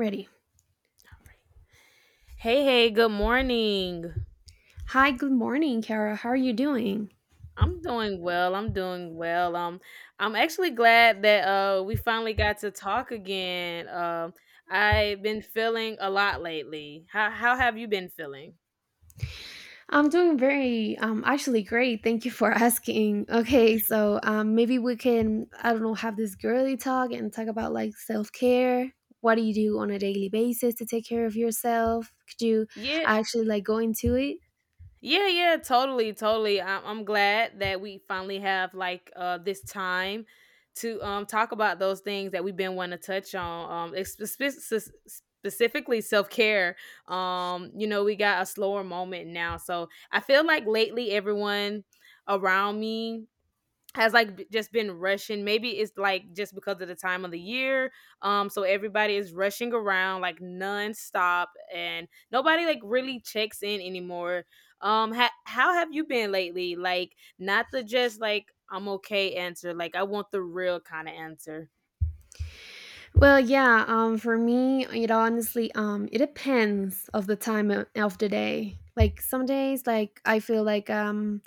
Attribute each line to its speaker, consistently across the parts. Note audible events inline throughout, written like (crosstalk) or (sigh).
Speaker 1: Ready.
Speaker 2: Hey, hey, good morning.
Speaker 1: Hi, good morning, Kara. How are you doing?
Speaker 2: I'm doing well. I'm doing well. I'm actually glad that we finally got to talk again. I've been feeling a lot lately. How have you been feeling?
Speaker 1: I'm doing very, actually great. Thank you for (laughs) asking. Okay, so maybe we can, I don't know, have this girly talk and talk about like self care. What do you do on a daily basis to take care of yourself? Could you
Speaker 2: Yeah,
Speaker 1: actually like go into it?
Speaker 2: Yeah, yeah, totally, totally. I'm glad that we finally have like this time to talk about those things that we've been wanting to touch on. It's specifically self care. You know, we got a slower moment now, so I feel like lately everyone around me has just been rushing. Maybe it's like just because of the time of the year, so everybody is rushing around like nonstop, and nobody like really checks in anymore. How have you been lately? Like, not the just like I'm okay answer. Like, I want the real kind of answer.
Speaker 1: Well, yeah. For me, it honestly, it depends of the time of the day. Like some days, like I feel like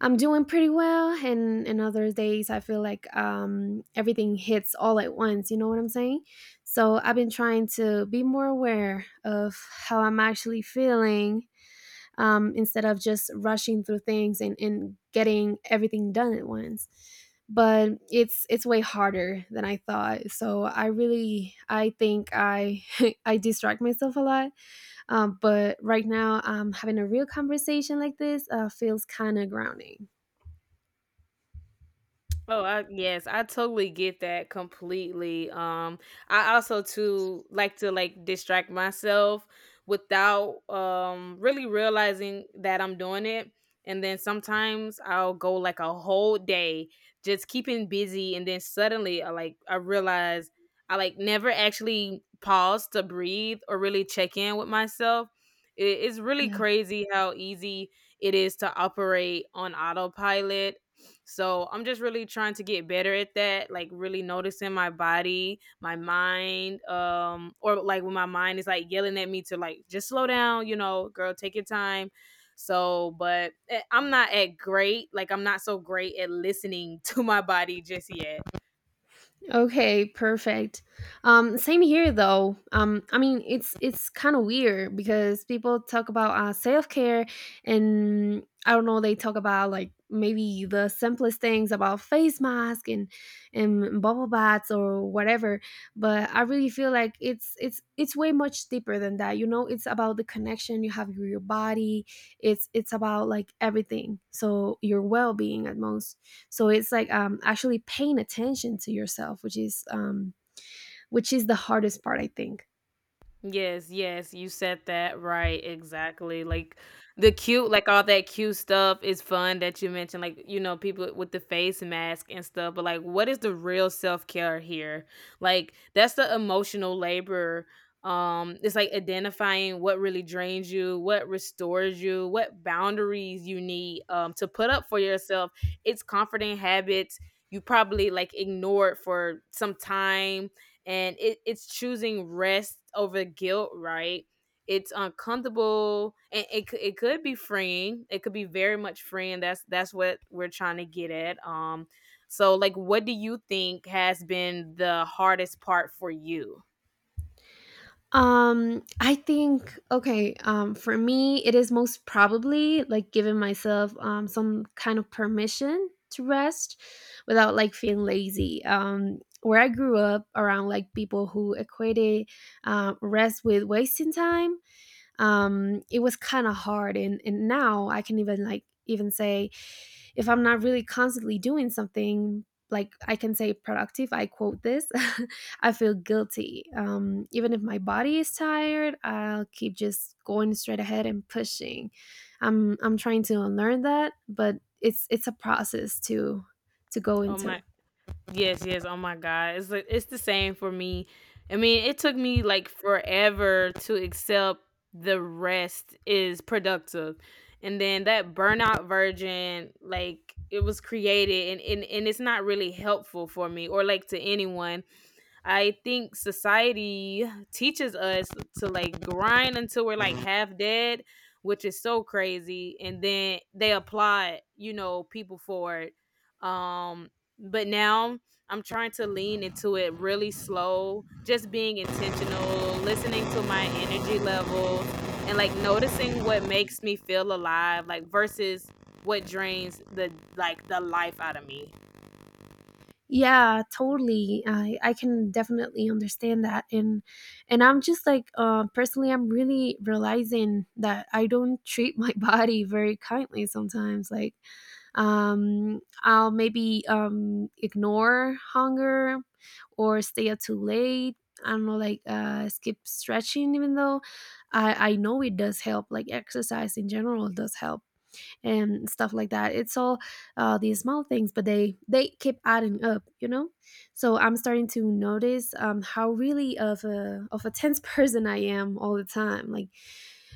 Speaker 1: I'm doing pretty well, and other days I feel like everything hits all at once. You know what I'm saying? So I've been trying to be more aware of how I'm actually feeling instead of just rushing through things and getting everything done at once. But it's way harder than I thought. So I really I think I (laughs) I distract myself a lot. But right now, having a real conversation like this feels kind of grounding.
Speaker 2: Oh, I, yes, I totally get that completely. I also too like to like distract myself without really realizing that I'm doing it. And then sometimes I'll go like a whole day just keeping busy, and then suddenly I realize I like never actually pause to breathe or really check in with myself. It's really
Speaker 1: Yeah.
Speaker 2: crazy how easy it is to operate on autopilot, so I'm just really trying to get better at that, like really noticing my body, my mind, or like when my mind is like yelling at me to like just slow down, you know, girl, take your time. So, but I'm not at great, like I'm not so great at listening (laughs) to my body just yet.
Speaker 1: Okay, perfect. Same here though. I mean, it's kind of weird because people talk about self care, and I don't know, they talk about like maybe the simplest things about face mask and bubble baths or whatever. But I really feel like it's way much deeper than that. You know, it's about the connection you have with your body. It's about like everything. So your well being at most, so it's like actually paying attention to yourself, which is the hardest part, I think.
Speaker 2: Yes, yes, you said that right, exactly. Like the cute, like all that cute stuff is fun that you mentioned, like, you know, people with the face mask and stuff, but like, what is the real self care here? Like, that's the emotional labor. It's like identifying what really drains you, what restores you, what boundaries you need to put up for yourself. It's comforting habits you probably like ignored for some time, and it's choosing rest over guilt, right? It's uncomfortable, and it could be freeing. It could be very much freeing. That's what we're trying to get at. Um, so like what do you think has been the hardest part for you?
Speaker 1: For me, it is most probably like giving myself some kind of permission to rest without like feeling lazy. Where I grew up around like people who equated rest with wasting time, it was kind of hard. And now I can even like even say if I'm not really constantly doing something, like I can say productive, I quote this, (laughs) I feel guilty. Even if my body is tired, I'll keep just going straight ahead and pushing. I'm trying to unlearn that, but it's a process to go
Speaker 2: Oh
Speaker 1: into.
Speaker 2: my Yes, yes. Oh my God. It's the same for me. I mean, it took me like forever to accept the rest is productive. And then that burnout version, like it was created, and, and it's not really helpful for me or like to anyone. I think society teaches us to like grind until we're like half dead, which is so crazy. And then they applaud, you know, people for it. Um, but now I'm trying to lean into it really slow, just being intentional, listening to my energy levels, and like noticing what makes me feel alive, like versus what drains the life out of me.
Speaker 1: Yeah, totally. I can definitely understand that, and I'm just like personally I'm really realizing that I don't treat my (laughs) body very kindly sometimes, like I'll maybe ignore hunger or stay up too late. I don't know, like skip stretching even though I know it does help, like exercise in general does help and stuff like that. It's all these small things, but they keep adding up, you know. So I'm starting to notice how really of a tense (laughs) person I am all the time. Like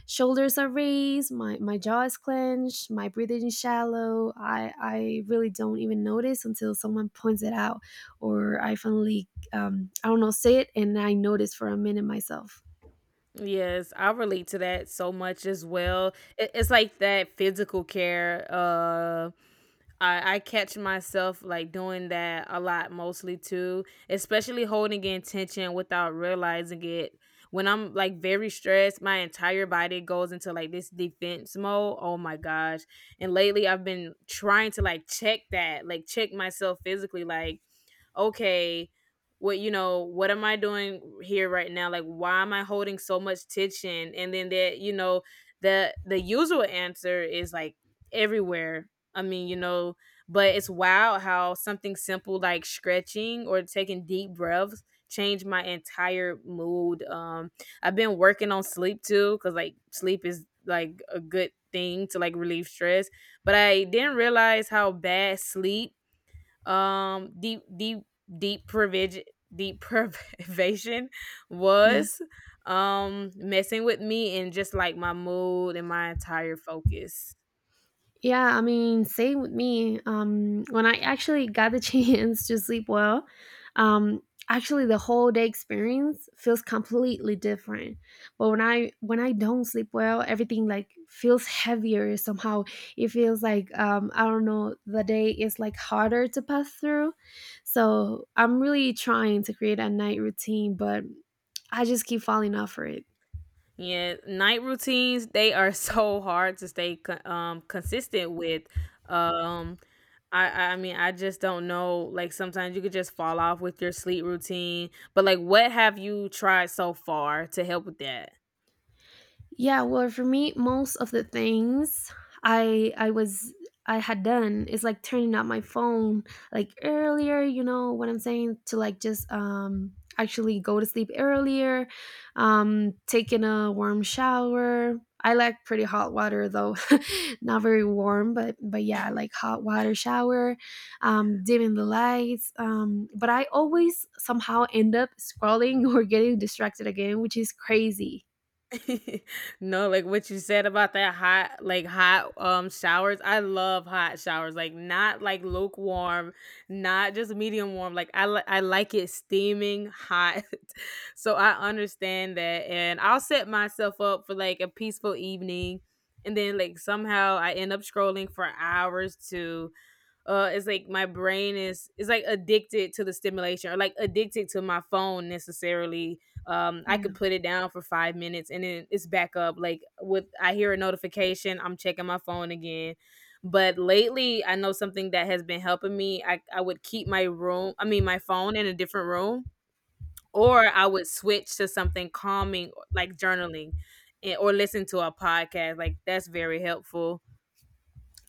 Speaker 1: shoulders are raised, my jaw is clenched, my breathing is shallow. I really don't even notice until someone points it out, or I finally I don't know, say it and I notice for a minute myself.
Speaker 2: Yes, I relate to that so much as well. It's like that physical care. I catch myself like doing that a lot, mostly too, especially holding in tension without realizing it. When I'm like very stressed, my entire body goes into like this defense mode. Oh my gosh. And lately I've been trying to like check that, like check myself physically. Like, okay, what you know, what am I doing here right now? Like why am I holding so much tension? And then that, you know, the usual answer is like everywhere. I mean, you know, but it's wild how something simple like stretching or taking deep breaths change my entire mood. Um, I've been working on sleep too, cuz like sleep is like a good thing to like relieve stress, but I didn't realize how bad sleep um deep deep deep provision, deep (laughs) privation
Speaker 1: Yeah.
Speaker 2: was, um, messing with me and just like my mood and my entire focus.
Speaker 1: Yeah, I mean, same with me. When I actually got the (laughs) chance to sleep well, um, actually the whole day experience feels completely different. But when I don't sleep well, everything like feels heavier somehow. It feels like I don't know, the day is like harder to pass through. So I'm really trying to create a night routine, but I just keep falling off for it.
Speaker 2: Yeah, night routines, they are (laughs) so hard to stay consistent with. Um, I I mean, I just don't know. Like, sometimes you could just fall off with your sleep routine, but like what have you tried so far to help with that?
Speaker 1: Yeah, well, for me, most of the things I I was I had done is like turning up my phone like earlier, you know what I'm saying, to like just actually go to sleep earlier, um, taking a warm shower. I like pretty hot water though. (laughs) Not very warm, but yeah, I like hot water shower, um, dimming the lights, um, but I always somehow end up scrolling (laughs) or getting distracted again, which is crazy.
Speaker 2: (laughs) No, like, what you said about that hot, showers, I love hot showers, like, not, like, lukewarm, not just medium warm, like, I like it steaming hot. (laughs) So, I understand that, and I'll set myself up for, like, a peaceful evening, and then, like, somehow I end up scrolling for hours. To It's like my brain is like addicted to the stimulation, or like addicted to my phone necessarily. Um, I could put it down for 5 minutes, and then it's back up, like with, I hear a notification, I'm checking my phone again. But lately I know something that has been helping me. I would keep my room, I mean my phone, in a different room, or I would switch to something calming like journaling and, or listen to a podcast. Like, that's very helpful.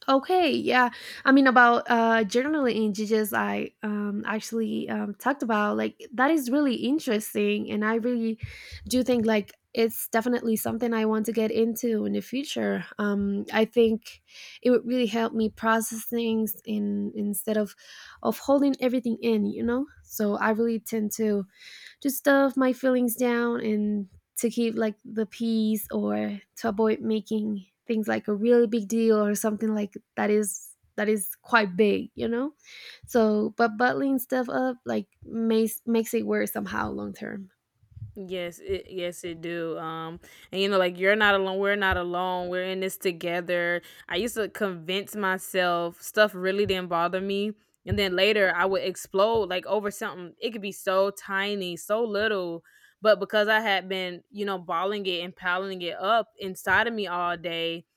Speaker 1: Okay, yeah. I mean, about journaling in GGS, I actually talked about like that is really interesting, and I really do think like it's definitely something I want to get into in the future. I think it would really help me process things, in instead of holding everything in, you know. So I really tend to stuff my feelings down and to keep like the peace or to avoid making things like a really big deal or something like that, is that is quite big, you know. So but bottling stuff up like makes it worse somehow long term.
Speaker 2: Yes, it do. And you know, like you're not alone. We're not alone. We're in this together. I used to convince myself stuff really didn't bother me, and then later I would explode like over something. It could be so tiny, so little, but because I had been, you know, balling it and piling it up inside of me all day,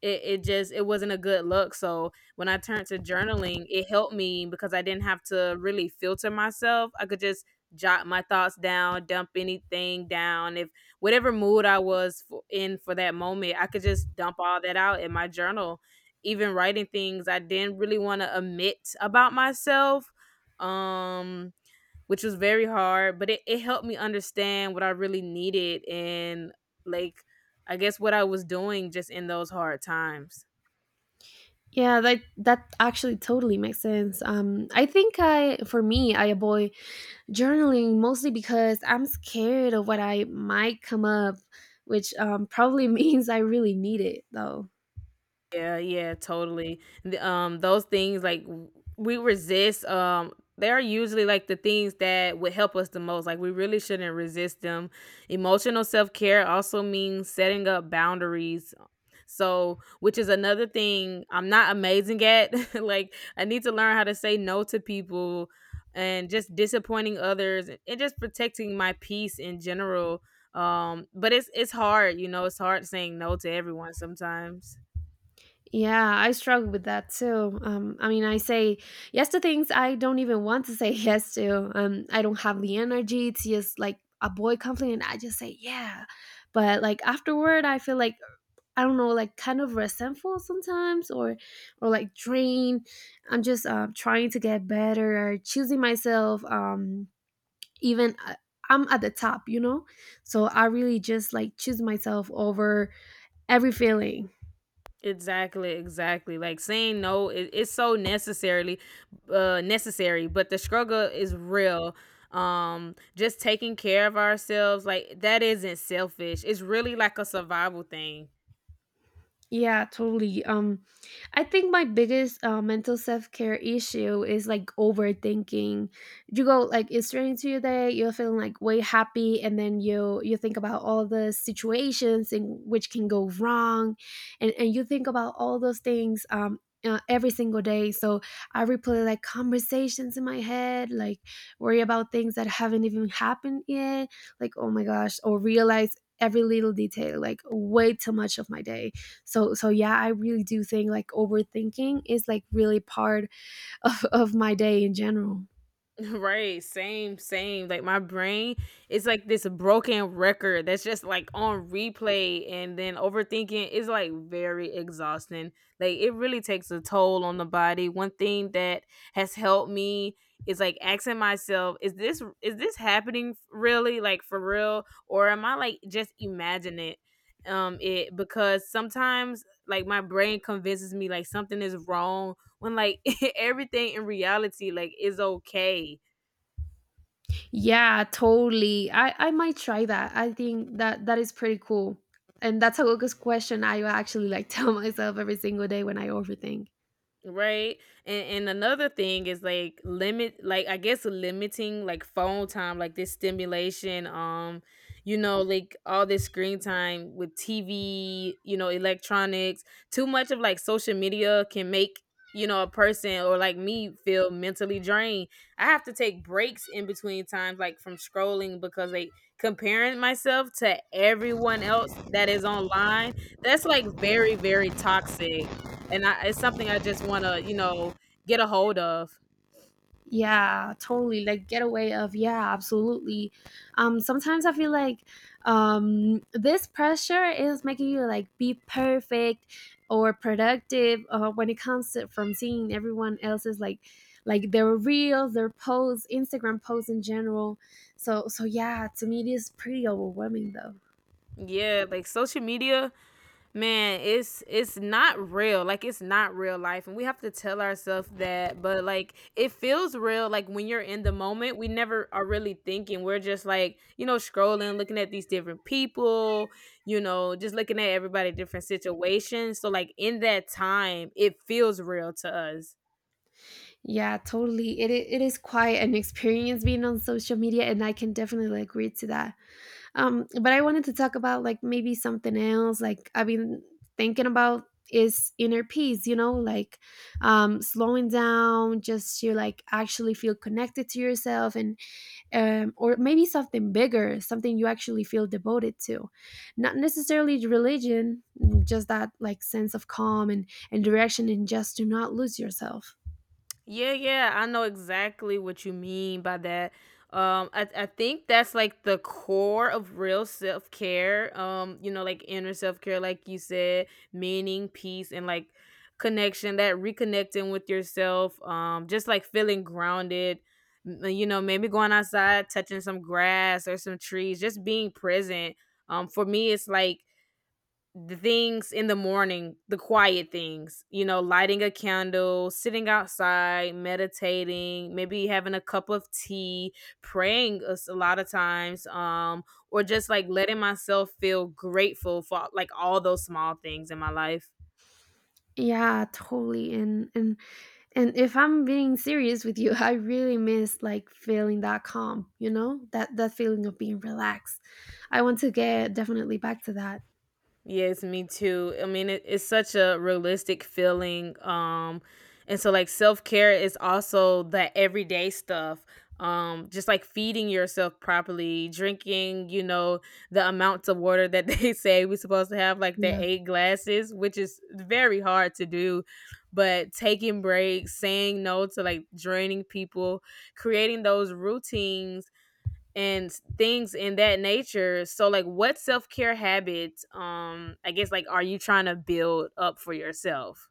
Speaker 2: it just it wasn't a good look. So when I turned to journaling, it helped me because I didn't have to really filter myself. I could just jot my thoughts down, dump anything down. If whatever mood in for that moment, I could just dump all that out in my journal, even writing things I didn't really want to admit about myself. Um, which was very hard, but it helped me understand what I really needed and like, I guess, what I was doing just in those hard times.
Speaker 1: Yeah, that actually totally makes sense. I think I For me, I avoid journaling mostly because I'm scared of what I might come up, which probably (laughs) means I really need it though.
Speaker 2: Yeah, yeah, totally. The, those things like we resist. They're usually like the things that would help us the most. Like we really shouldn't resist them. Emotional self care also means setting up boundaries. So, which is another thing I'm not amazing at. (laughs) Like, I need to learn how to say no to people and just disappointing others, and just protecting my peace in general. But it's hard, you know. It's hard saying no to everyone sometimes.
Speaker 1: Yeah, I struggle with that too. I mean, I say yes to things I don't even want to say (laughs) yes to. I don't have the energy to just like avoid conflict, and I just say yeah. But like afterward, I feel like I don't know, like kind of resentful sometimes, or like drained. I'm just trying to get better, choosing myself. Even I'm at the top, you know, so I really just like choose myself over every feeling.
Speaker 2: Exactly, exactly. Like saying no is, it's so necessarily necessary, but the struggle is real. Um, just taking care of ourselves like that isn't selfish. It's really like a survival thing.
Speaker 1: Yeah, totally. I think my biggest mental self care issue is like overthinking. You go like it's straight into your day. You're feeling like way happy, and then you think about all the situations in which can go wrong, and you think about all those things. Every single day, so I replay like conversations in my head, like worry about things that haven't even happened yet, like oh my gosh, or realize every little detail like way too much of my day. So so yeah, I really do think like overthinking is like really part (laughs) of my day in general.
Speaker 2: (laughs) Right, same, same. Like my brain is like this broken record that's just like on replay, and then overthinking is like very exhausting. Like it really takes a toll on the body. One thing that has helped me is like asking myself, is this happening really like for real, or am I like just imagining it? Um, it, because sometimes like my brain convinces me like something is wrong when like (laughs) everything in reality like is okay.
Speaker 1: Yeah, totally. I might try that. I think that that is pretty cool, and that's a good question. I actually like (laughs) tell myself every single day when I overthink.
Speaker 2: Right. And another thing is like limit, like I guess limiting like phone time, like this stimulation, you know, like all this screen time with TV, you know, electronics, too much of like social media can make, you know, a person or like me feel mentally drained. I have to take breaks in between times like from scrolling because like comparing myself to everyone else that is online, that's like very, very toxic, and I, it's something I just want to, you know, get a hold of.
Speaker 1: Yeah, totally. Like getaway of, yeah, absolutely. Sometimes I feel like this pressure is making you like be perfect or productive, when it comes to from seeing everyone else's like their reels, their posts, Instagram posts in general. So so yeah, to me it is pretty overwhelming though.
Speaker 2: Yeah, like social media, man, it's not real. Like it's not real life, and we have to tell ourselves that, but like it feels real, like when you're in the moment, we never are really thinking. We're just like, you know, scrolling, looking at these different people, you know, just looking at everybody different situations. So like in that time, it feels real to us.
Speaker 1: Yeah, totally. It is quite an experience being on social media and I can definitely agree to that. But I wanted to talk about like maybe something else. Like I've been thinking about is inner peace, you know, like slowing down just to like actually feel connected to yourself and or maybe something bigger, something you actually feel devoted to. Not necessarily religion, mm, just that like sense of calm and direction, and just do not lose yourself.
Speaker 2: Yeah, yeah, I know exactly what you mean by that. I think that's like the core of real self care. You know, like inner self care, like you said, meaning, peace, and like connection. That reconnecting with yourself. Just like feeling grounded. You know, maybe going outside, touching some grass or some trees, just being present. For me, it's like the things in the morning, the quiet things, you know, lighting a candle, sitting outside, meditating, maybe having a cup of tea, praying a lot of times, or just like letting myself feel grateful for like all those small things in my life.
Speaker 1: Yeah, totally. And if I'm being serious with you, (laughs) I really miss like feeling that calm, you know, that feeling of being relaxed. I want to get definitely back to that.
Speaker 2: Yes, me too. I mean, it's such a realistic feeling. And so like self care is also the everyday stuff. Just like feeding yourself properly, drinking, you know, the amounts of water that (laughs) they say we're supposed to have, like the
Speaker 1: Yeah.
Speaker 2: eight glasses, which is very hard to do. But taking breaks, saying no to like draining people, creating those routines and things in that nature. So like what self-care habits I guess like are you trying to build up for yourself?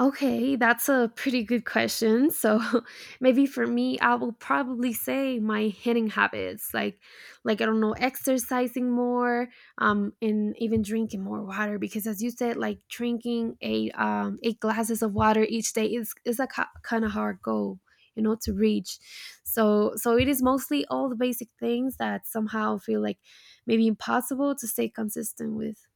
Speaker 1: Okay, that's a pretty good question. So (laughs) maybe for me, I will probably say my hitting habits, like I don't know, exercising more, and even drinking more water. Because as you said, like drinking a 8 glasses of water each day is a kind of hard goal, you know, to reach. So so it is mostly all the basic things that somehow feel like maybe impossible to stay consistent with.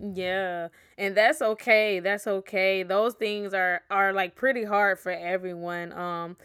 Speaker 2: Yeah, and that's okay. That's okay. Those things are like pretty hard for everyone.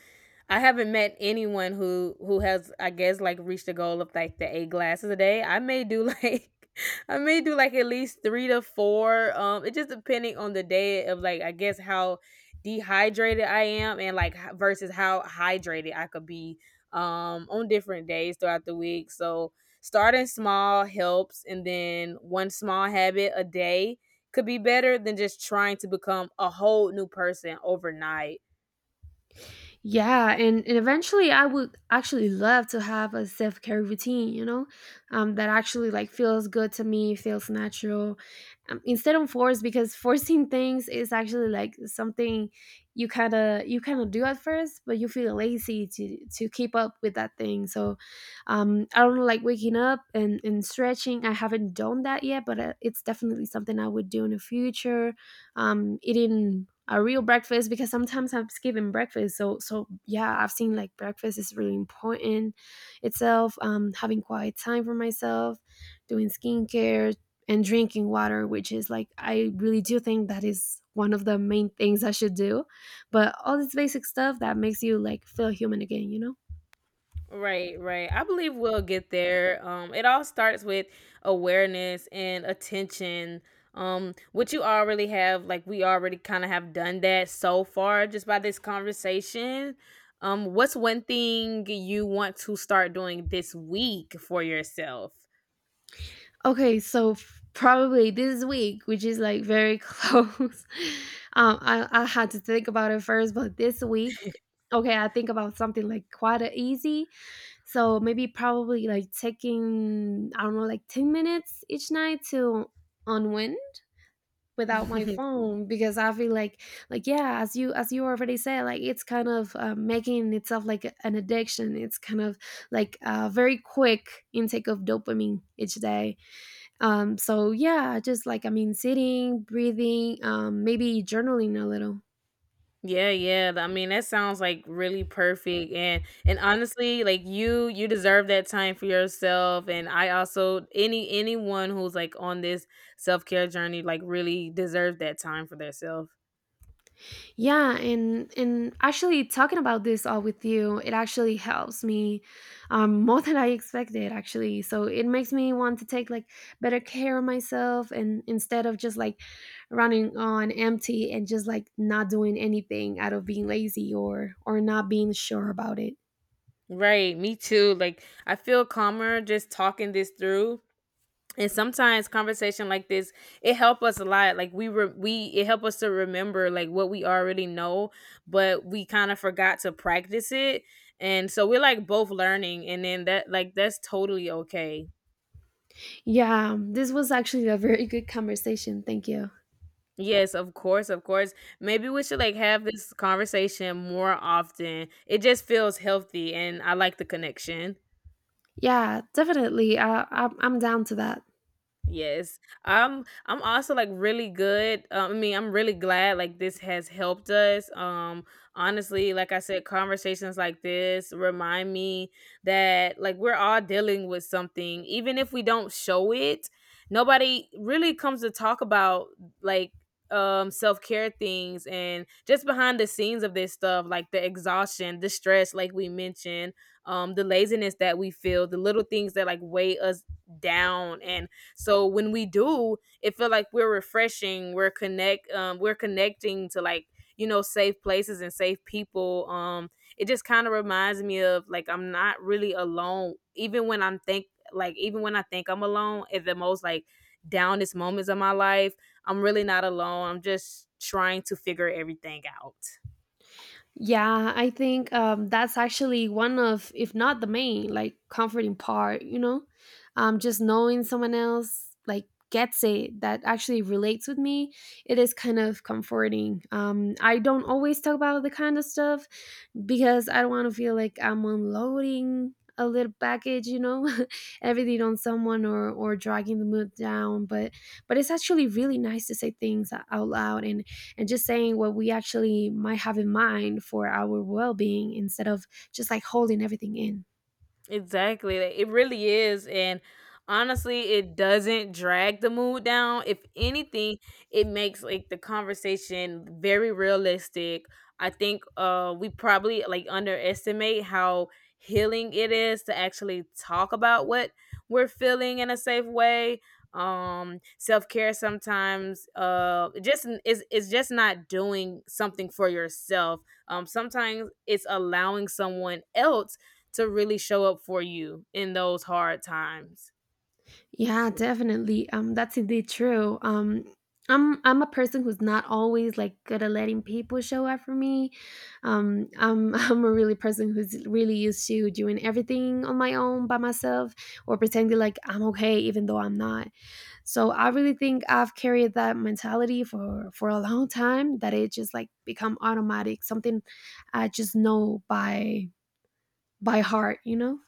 Speaker 2: I haven't met anyone who has, I guess, like reached the goal of like the 8 glasses a day. I may do like (laughs) I may do like at least 3 to 4. It just depending on the day of like I guess how dehydrated I am and like versus how hydrated I could be on different days throughout the week. So starting small helps, and then one small habit a day could be better than just trying to become a whole new person overnight.
Speaker 1: Yeah, and eventually I would actually love to have a self care routine, you know, that actually like feels good to me, feels natural, instead of forced because (laughs) forcing things is actually like something you kind of do at first, but you feel lazy to keep up with that thing. So, I don't know, like waking up and stretching. I haven't done that yet, but it's definitely something I would do in the future, eating a real breakfast because sometimes I'm skipping breakfast. So so yeah, I've seen like breakfast is really important itself. Having quiet time for myself, doing skincare and drinking water, which is like I really do think that is one of the main things I should do. But all this basic stuff that makes you like feel human again, you know?
Speaker 2: Right, right, I believe we'll get there. It all starts with awareness and attention, which you already have. Like, we already kind of have done that so far just by this conversation. What's one thing you want to start doing this week for yourself?
Speaker 1: Okay, so probably this week, which is like very (laughs) close. Um, I had to think about it first, but this week, okay, I think about something like quite a easy. So maybe probably like taking I don't know like 10 minutes each night to unwind without my
Speaker 2: (laughs)
Speaker 1: phone because I feel like yeah, as you already said, like it's kind of making itself like an addiction. It's kind of like a very quick intake of dopamine each day, so yeah, just like I mean, sitting, breathing, maybe journaling a little.
Speaker 2: Yeah, yeah. I mean, that sounds like really perfect. And honestly, like you deserve that time for yourself. And I also, anyone who's like on this self-care journey like really deserves that time for themselves.
Speaker 1: Yeah, and actually talking about this all with you, it actually helps me (laughs) more than I expected actually. So it makes me want to take like better care of myself, and instead of just like running on empty and just like not doing anything out of being lazy or not being sure about it.
Speaker 2: Right, me too. Like, I feel calmer just talking this through, and sometimes conversation like this, it help us a lot. Like we it help us to remember like what we already know, but we kind of forgot to practice it. And so we're like both learning, and then that like that's totally okay.
Speaker 1: Yeah, this was actually a very good conversation. Thank you.
Speaker 2: Yes, of course, of course. Maybe we should like have this conversation more often. It just feels healthy and I like the connection.
Speaker 1: Yeah, definitely. I'm down to that.
Speaker 2: Yes. I'm also like really good. I mean, I'm really glad like this has helped us. Honestly, like I said, conversations like this remind me that like we're all dealing with something, even if we don't show it. Nobody really comes to talk about like self-care things and just behind the scenes of this stuff, like the exhaustion, the stress like we mentioned, the laziness that we feel, the little things that like weigh us down. And so when we do, it feel like we're refreshing, we're connecting to like, you know, safe places and safe people. It just kind of reminds me of like I'm not really alone, even when I'm think like even when I think I'm alone at the most like downest moments of my life, I'm really not alone. I'm just trying to figure everything out.
Speaker 1: Yeah, I think that's actually one of, if not the main, like comforting part. You know, just knowing someone else like gets it, that actually relates with me. It is kind of comforting. I don't always talk about the kind of stuff, because I don't want to feel like I'm unloading a little package, you know, (laughs) everything on someone or dragging the mood down. But it's actually really nice to say things out loud and just saying what we actually might have in mind for our well being, instead of just like holding everything in.
Speaker 2: Exactly. Like, it really is. And honestly, it doesn't drag the mood down. If anything, it makes like the conversation very realistic. I think we probably like underestimate how healing it is to actually talk about what we're feeling in a safe way. Self-care sometimes it's just not doing something for yourself. Sometimes it's allowing someone else to really show up for you in those hard times.
Speaker 1: Yeah, definitely. That's indeed true. I'm a person who's not always like good at letting people show up for me. I'm (laughs) I'm a really person who's really used to doing everything on my own by myself, or pretending like I'm okay even though I'm not. So I really think I've carried that mentality for a long time, that it just like become automatic, something I just know by heart, you know?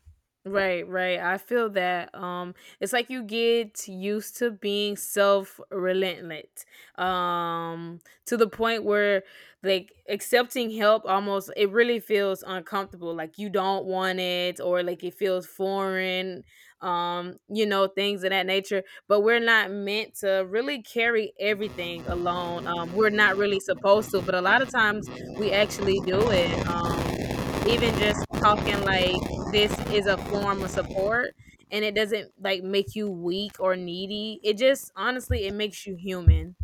Speaker 2: Right, right. I feel that. It's like you get used to being self relentless. Um, to the point where like accepting help almost, it really feels uncomfortable. Like, you don't want it, or like it feels foreign. You know, things of that nature. But we're not meant to really carry everything alone. We're not really supposed to. But a lot of times we actually do it. Even just talking like this is a form of support, and it doesn't like make you weak or needy. It just honestly, it makes you human.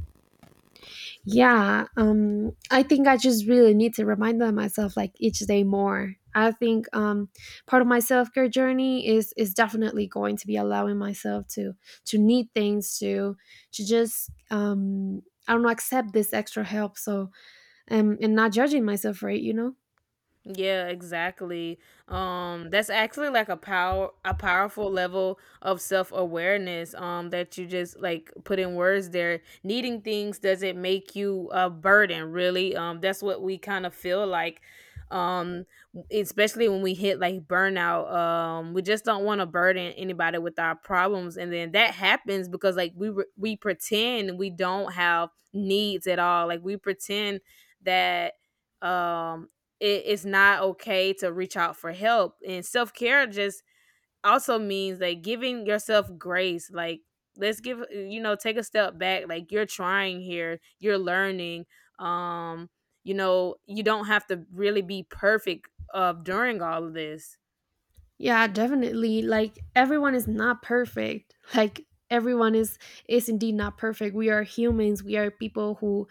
Speaker 1: Yeah, I think I just really need to remind that myself like each day more. I think part of my self care journey is definitely going to be allowing myself to need things, to just I don't know, accept this extra help. So and not judging myself for it, you know.
Speaker 2: Yeah, exactly. That's actually like a powerful level of self awareness. That you just like put in words there. Needing things doesn't make you a burden, really. That's what we kind of feel like. Um, Especially when we hit like burnout. We just don't want to burden anybody with our problems, and then that happens because like we pretend we don't have needs at all. Like, we pretend that um it's not okay to reach out for help. And self care just also means like giving yourself grace. Like, let's give, you know, take a step back. Like, you're trying here, you're learning. Um, you know, you don't have to really be perfect during all of this.
Speaker 1: Yeah, definitely. Like everyone is not perfect. Like everyone is indeed not perfect. We are humans. We are people who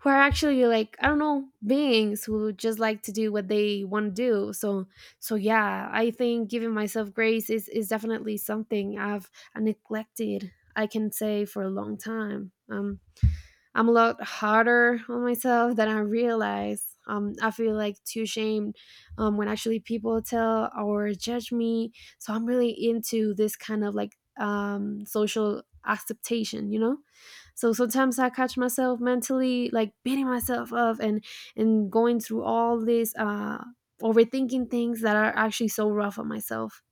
Speaker 1: are actually like I don't know, beings who just like to do what they want to do. So yeah, I think giving myself grace is definitely something I've neglected. I can say for a long time. I'm a lot harder on myself than I realize. I feel like too ashamed when actually people tell or judge me. So I'm really into this kind of like social acceptation, you know? So sometimes I catch myself mentally like beating myself up, and going through all this overthinking things that are actually so rough on myself.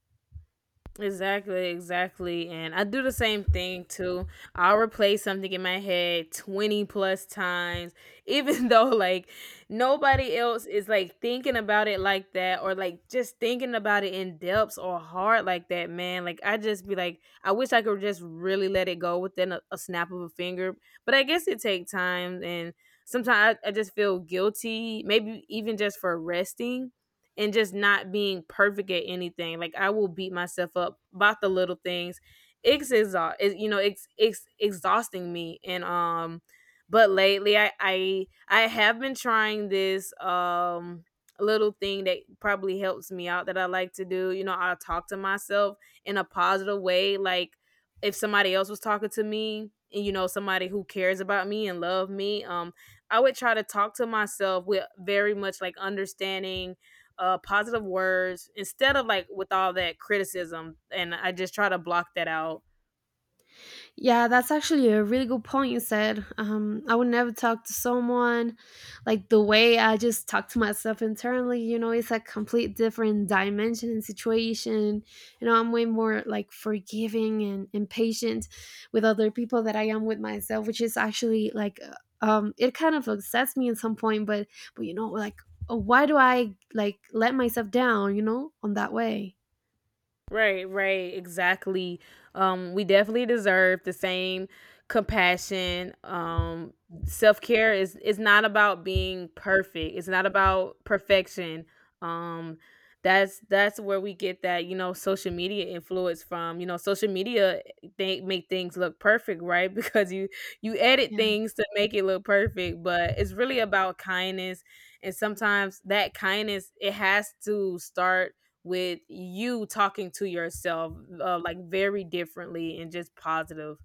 Speaker 2: Exactly, exactly. And I do the same thing too. I'll replay something in my head 20 plus times, even (laughs) though like nobody else is like thinking about it like that, or like just thinking about it in depths or hard like that, man. Like, I just be like, I wish I could just really let it go within a snap of a finger. But I guess it takes time. And sometimes I just feel guilty, maybe even just for resting and just not being perfect at anything. Like, I will beat myself up about the little things. You know, it's exhausting me. And but lately I have been trying this little thing that probably helps me out, that I like to do. You know, I'll talk to myself in a positive way. Like, if somebody else was talking to me, and you know, somebody who cares about me and love me, I would try to talk to myself with very much like understanding, positive words instead of like with all that criticism. And I just try to block that out.
Speaker 1: Yeah, that's actually a really good point you said. I would never talk to someone like the way I just talk to myself internally. You know, it's a complete different dimension and situation. You know, I'm way more like forgiving and, patient with other people that I am with myself, which is actually like, it kind of upsets me at some point. But you know, like, why do I like let myself down? You know, on that way.
Speaker 2: Right, right, exactly. We definitely deserve the same compassion. Self care is not about being perfect. It's not about perfection. Um, that's where we get that, you know, social media influence from. You know, social media they make things look perfect, right? (laughs) Because you edit
Speaker 1: Yeah.
Speaker 2: things to make it look perfect, but it's really about kindness. And sometimes that kindness, it has to start with you talking to yourself, like very differently and just positive.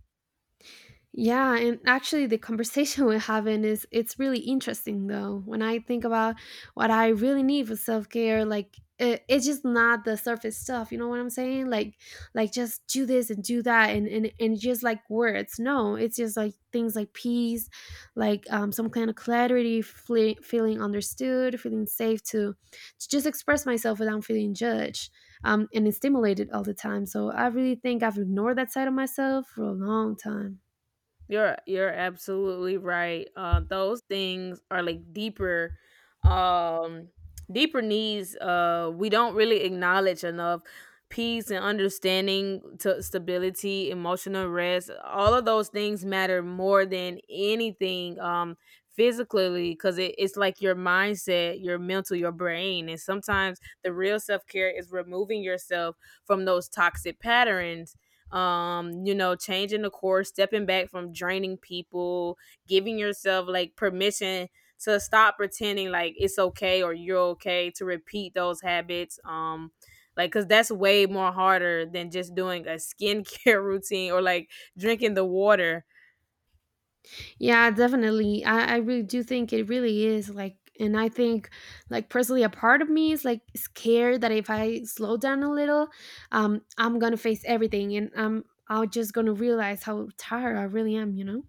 Speaker 1: Yeah, and actually the conversation (laughs) we're having is it's really interesting though. When I think about what I really need for self-care, like it's just not the surface stuff, you know what I'm saying? Like just do this and do that and just like words. No, it's just like things like peace, like some kind of clarity, feeling understood, feeling safe to just express myself without feeling judged. And stimulated all the time. So I really think I've ignored that side of myself for a long time.
Speaker 2: You're absolutely right. Those things are like deeper, um, deeper needs. We don't really acknowledge enough peace and understanding, to stability, emotional rest. All of those things matter more than anything. Physically, because it's like your mindset, your mental, your brain. And sometimes the real self care is removing yourself from those toxic patterns, you know, changing the course, stepping back from draining people, giving yourself like permission to stop pretending like it's okay or you're okay to repeat those habits. Like, because that's way more harder than just doing a skincare (laughs) routine or like drinking the water.
Speaker 1: Yeah, definitely. I really do think it really is like, and I think like personally, a part of me is like scared that if I slow down a little, I'm gonna face everything, and I'm just gonna realize how tired I really am. You know.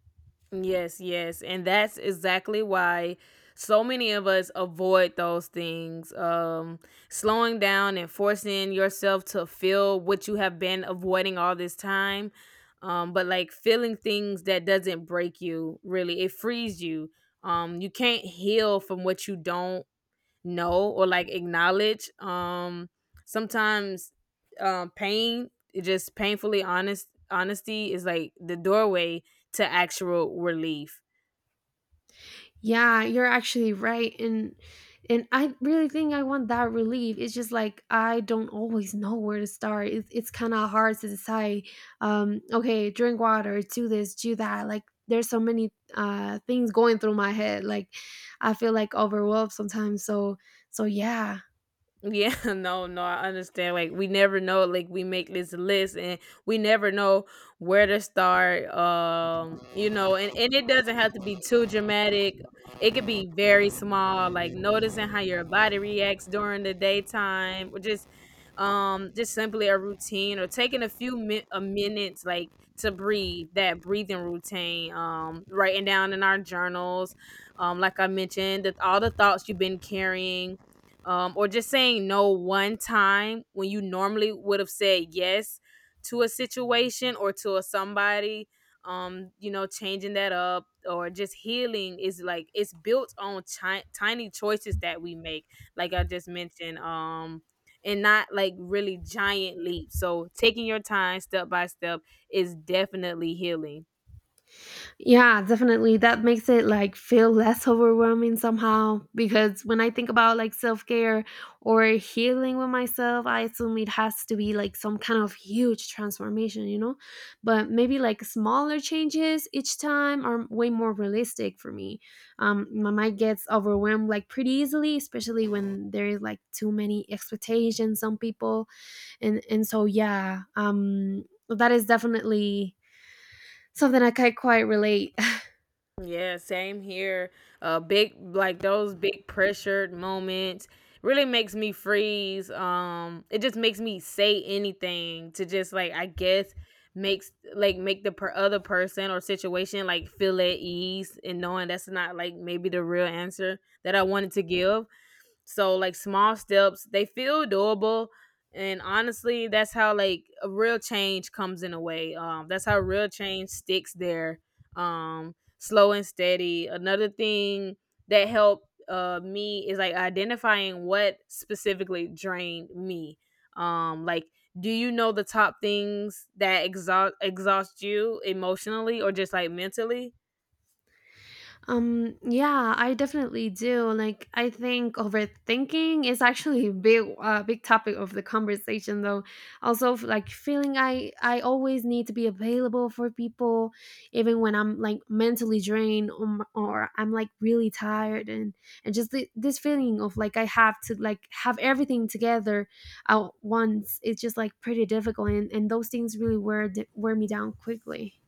Speaker 2: Yes, yes. And that's exactly why so many of us avoid those things. Slowing down and forcing yourself to feel what you have been avoiding all this time. But like feeling things, that doesn't break you, really. It frees you. You can't heal from what you don't know or like acknowledge. Sometimes pain, it just painfully honest honesty is like the doorway to actual relief.
Speaker 1: Yeah, you're actually right. And I really think I want that relief. It's just like I don't always know where to start. It's kind of hard to decide. Okay, drink water, do this, do that. Like there's so many things going through my head. Like I feel like overwhelmed sometimes. So yeah.
Speaker 2: Yeah, (laughs) no, no, I understand. Like, we never know. Like, we make this list, and we never know where to start. You know, and it doesn't have to be too dramatic. It could be very small, like noticing how your body reacts during the daytime, or just simply a routine, or taking a minutes, like, to breathe. That breathing routine. Writing down in our journals. Like I mentioned, that all the thoughts you've been carrying, or just saying no one time when you normally would have said yes to a situation or to a somebody. You know, changing that up. Or just healing is like it's built on tiny choices that we make, like I just mentioned, and not like really giant leaps. So taking your time, step by step, is definitely healing.
Speaker 1: Yeah, definitely. That makes it like feel less overwhelming somehow, because when I think about like self-care or healing with myself, I assume it has to be like some kind of huge transformation, you know? But maybe like smaller changes each time are way more realistic for me. My mind gets overwhelmed like pretty easily, especially when there is like too many expectations. Some people, and so yeah, that is definitely something I can quite relate. (laughs)
Speaker 2: Yeah, same here. Big, like those big pressured moments really makes me freeze. It just makes me say anything to just, like, I guess makes like make other person or situation like feel at ease, and knowing that's not like maybe the real answer that I wanted to give. So like, small steps, they feel doable. And honestly, that's how like a real change comes in a way. That's how real change sticks there. Slow and steady. Another thing that helped me is like identifying what specifically drained me. Like, do you know the top things that exhaust you emotionally or just like mentally?
Speaker 1: Yeah, I definitely do. Like, I think overthinking is actually a big, big topic of the conversation, though. Also, like feeling I always need to be available for people, even when I'm like mentally drained, or, or I'm like really tired, and just this feeling of like I have to like have everything together at once. It's just like pretty difficult, and those things really wear me down quickly.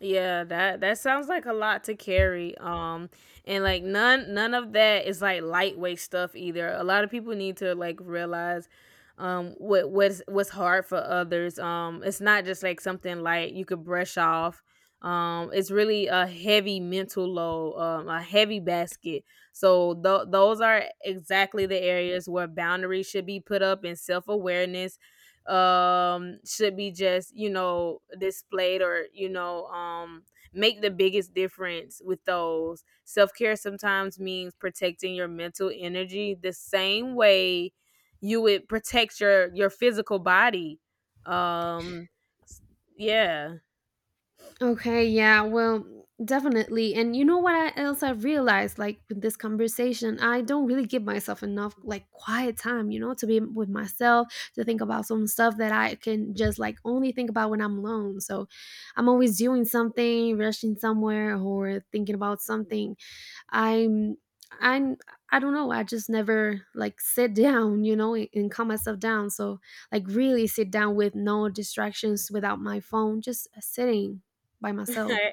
Speaker 2: Yeah, that sounds like a lot to carry. And like none of that is like lightweight stuff either. A lot of people need to like realize what's hard for others. It's not just like something light you could brush off. It's really a heavy mental load, a heavy basket. So those are exactly the areas where boundaries should be put up and self-awareness should be, just you know, displayed or, you know, make the biggest difference with those. Self-care sometimes means protecting your mental energy the same way you would protect your physical body. um yeah
Speaker 1: Okay, yeah, well, definitely. And you know what else I realized, like with this conversation, I don't really give myself enough like quiet time, you know, to be with myself, to think about some stuff that I can just like only think about when I'm alone. So I'm always doing something, rushing somewhere, or thinking about something. i'm i'm I don't know, I just never like sit (laughs) down, you know, and, calm myself down, so like really sit down with no distractions, without my phone, just sitting by myself.
Speaker 2: (laughs)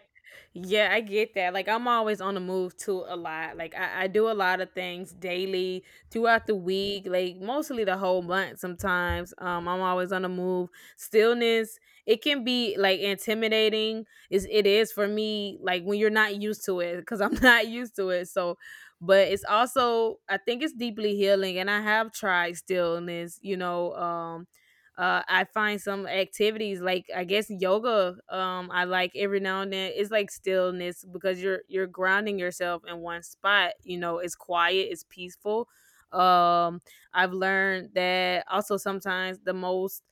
Speaker 2: Yeah, I get that. Like I'm always on the move too a lot. Like I do a lot of things daily throughout the week, like mostly the whole month sometimes. I'm always on the move. Stillness, it can be like intimidating. Is it is for me like when you're not used to it, cuz I'm (laughs) not used to it. So but it's also, I think it's deeply healing, and I have tried stillness, you know. I find some activities like, I guess, yoga. I like every now and then. It's like stillness because you're grounding yourself in one spot. You know, it's quiet, it's peaceful. Um, I've learned that also sometimes the most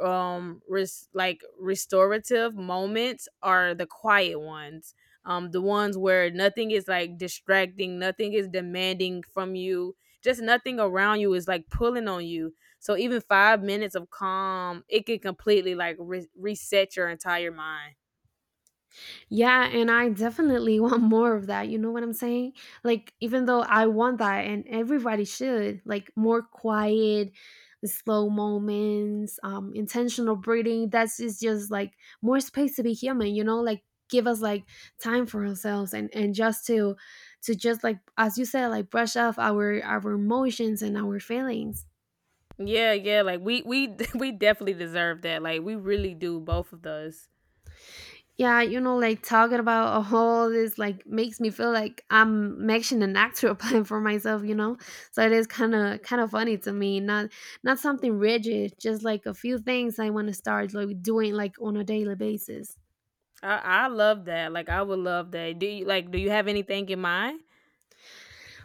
Speaker 2: like restorative moments are the quiet ones, the ones where nothing is like distracting, nothing is demanding from you, just nothing around you is like pulling on you. So even 5 minutes of calm, it can completely like reset your entire mind.
Speaker 1: Yeah, and I definitely (laughs) want more of that. You know what I'm saying? Like, even though I want that, and everybody should, like, more quiet, slow moments, intentional breathing. That's just, like more space to be human. You know, like give us like time for ourselves and just to just like as you said, like brush off our emotions and our feelings.
Speaker 2: Yeah, yeah. Like we (laughs) we definitely deserve that. Like we really do, both of us.
Speaker 1: Yeah, you know, like talking about (laughs) all this like makes me feel like I'm making an actual (laughs) plan for myself, you know. So it is kind of funny to me, not something rigid, just like a few things I want to start like doing like on a daily basis.
Speaker 2: I love that. Like I would love that. Do you like? Do you have anything in mind?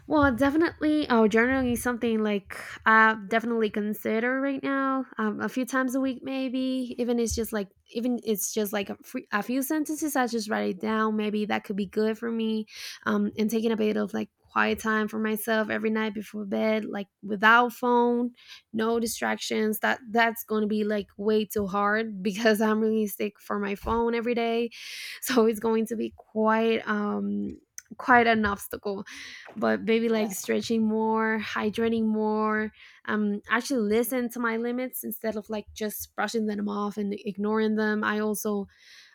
Speaker 1: Well, definitely, oh, journaling is something like I definitely consider right now. A few times a week, maybe. Even it's just like a, free, a few sentences. I just write it down. Maybe that could be good for me. And taking a bit of like quiet time for myself every night before bed, like without phone, no distractions. That's going to be like way too hard (laughs) because I'm really sick for my phone every day, so it's going to be quite quite an obstacle, but maybe like stretching more, hydrating more, actually listen to my limits instead of like just brushing them off and ignoring them. I also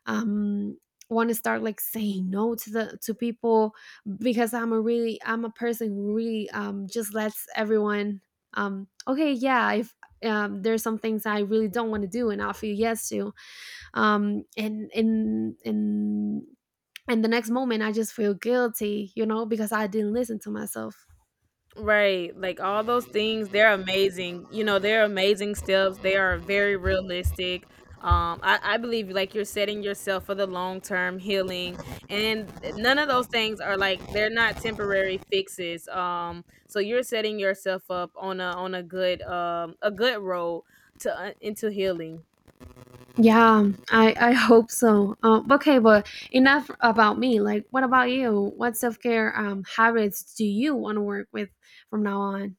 Speaker 1: um, want to start like saying no to the to people, because I'm a really I'm a person who really just lets everyone. Okay, yeah, if there's some things I really don't want to do and I'll feel yes to, um, and and and and the next moment I just feel guilty, you know, because I didn't listen to myself.
Speaker 2: Right. Like all those things, they're amazing. You know, they're amazing steps. They are very realistic. I believe like you're setting yourself for the long term healing. And none of those things are like, they're not temporary fixes. So you're setting yourself up on a good road to into healing.
Speaker 1: Yeah, I hope so. Okay, but enough about me. Like, what about you? What self care habits do you want to work with from now on?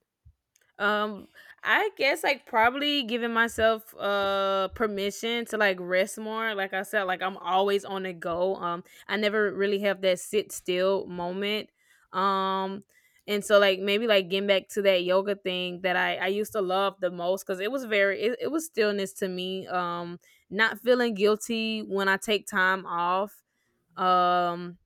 Speaker 2: Um, I guess like probably giving myself permission to like rest more. Like I said, like I'm always on the go. I never really have that sit still moment. Um, and so like maybe like getting back to that yoga thing that I used to love the most because it was very it was stillness to me. Not feeling guilty when I take time off. Um,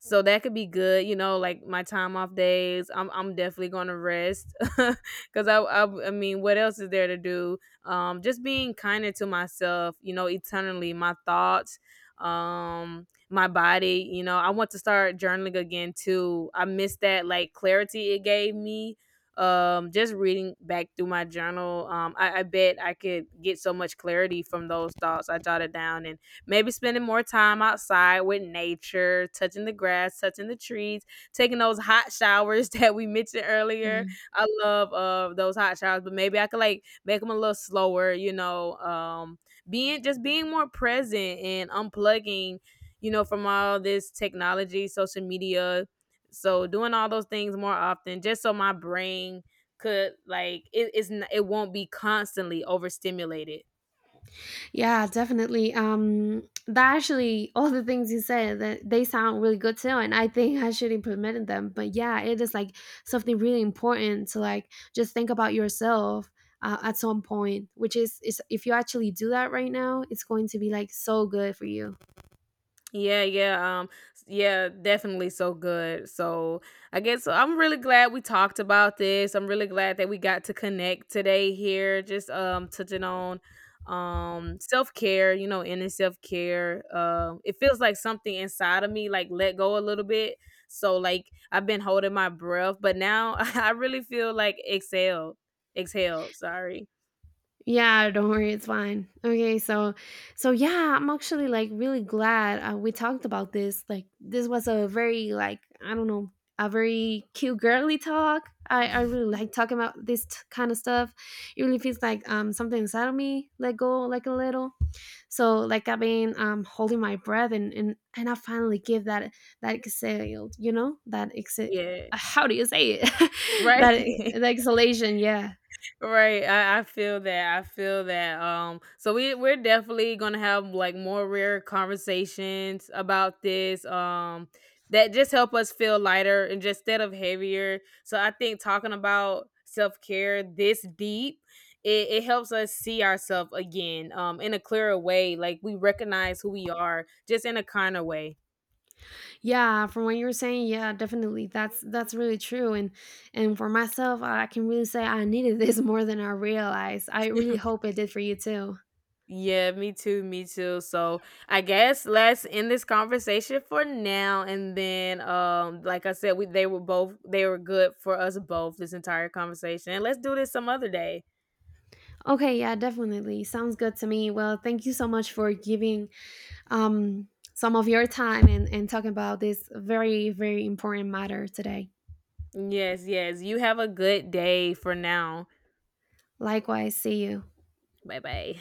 Speaker 2: so that could be good, you know, like my time off days. I'm definitely gonna rest (laughs) because I mean, what else is there to do? Just being kinder to myself, you know, eternally. My thoughts, my body. You know, I want to start journaling again too. I miss that like clarity it gave me. Just reading back through my journal, I bet I could get so much clarity from those thoughts I jotted down. And maybe spending more time outside with nature, touching the grass, touching the trees, taking those hot showers (laughs) that we mentioned earlier.
Speaker 1: Yeah,
Speaker 2: I love those hot showers, but maybe I could like make them a little slower, you know, being just being more present and unplugging, you know, from all this technology, social media. So doing all those things more often just so my brain could like, it won't be constantly overstimulated.
Speaker 1: yeah, definitely. That actually, all the things you said that they sound really good too, and I think I should implement them. But yeah, it is like something really important to like just think about yourself. At some point, which is if you actually do that right now, it's going to be like so good for you.
Speaker 2: Yeah, yeah, yeah, definitely so good. So I guess so, I'm really glad we talked about this. I'm really glad that we got to connect today here, just touching on self care, you know, inner self care. It feels like something inside of me like let go a little bit. So like I've been holding my breath, but now (laughs) I really feel like exhale, exhale. Sorry.
Speaker 1: Yeah, don't worry, it's fine. Okay, so yeah, I'm actually like really glad we talked about this. Like this was a very like I don't know, a very cute girly talk. I really like talking about this kind of stuff. It really feels like something inside of me let go like a little. So like I've been holding my breath and I finally give that exhale, you know, that exhale.
Speaker 2: Yeah.
Speaker 1: How do you say it? (laughs)
Speaker 2: Right.
Speaker 1: that
Speaker 2: (laughs)
Speaker 1: that exhalation, yeah.
Speaker 2: Right, I feel that. I feel that. So we're definitely gonna have like more rare conversations about this. That just help us feel lighter and just instead of heavier. So I think talking about self care this deep, it helps us see ourselves again, in a clearer way. Like we recognize who we are, just in a kinder way.
Speaker 1: Yeah, from what you were saying, yeah, definitely. That's really true. And for myself, I can really say I needed this (laughs) more than I realized. I really hope it did for you too.
Speaker 2: Yeah, me too, me too. So I guess let's end this conversation for now. And then, like I said, we they were both, they were good for us both, this entire conversation. And let's do this some other day.
Speaker 1: Okay, yeah, definitely. Sounds good to me. Well, thank you so much for giving um some of your time and, talking about this very, very important matter today.
Speaker 2: Yes, yes. You have a good day for now.
Speaker 1: Likewise, see you.
Speaker 2: Bye bye.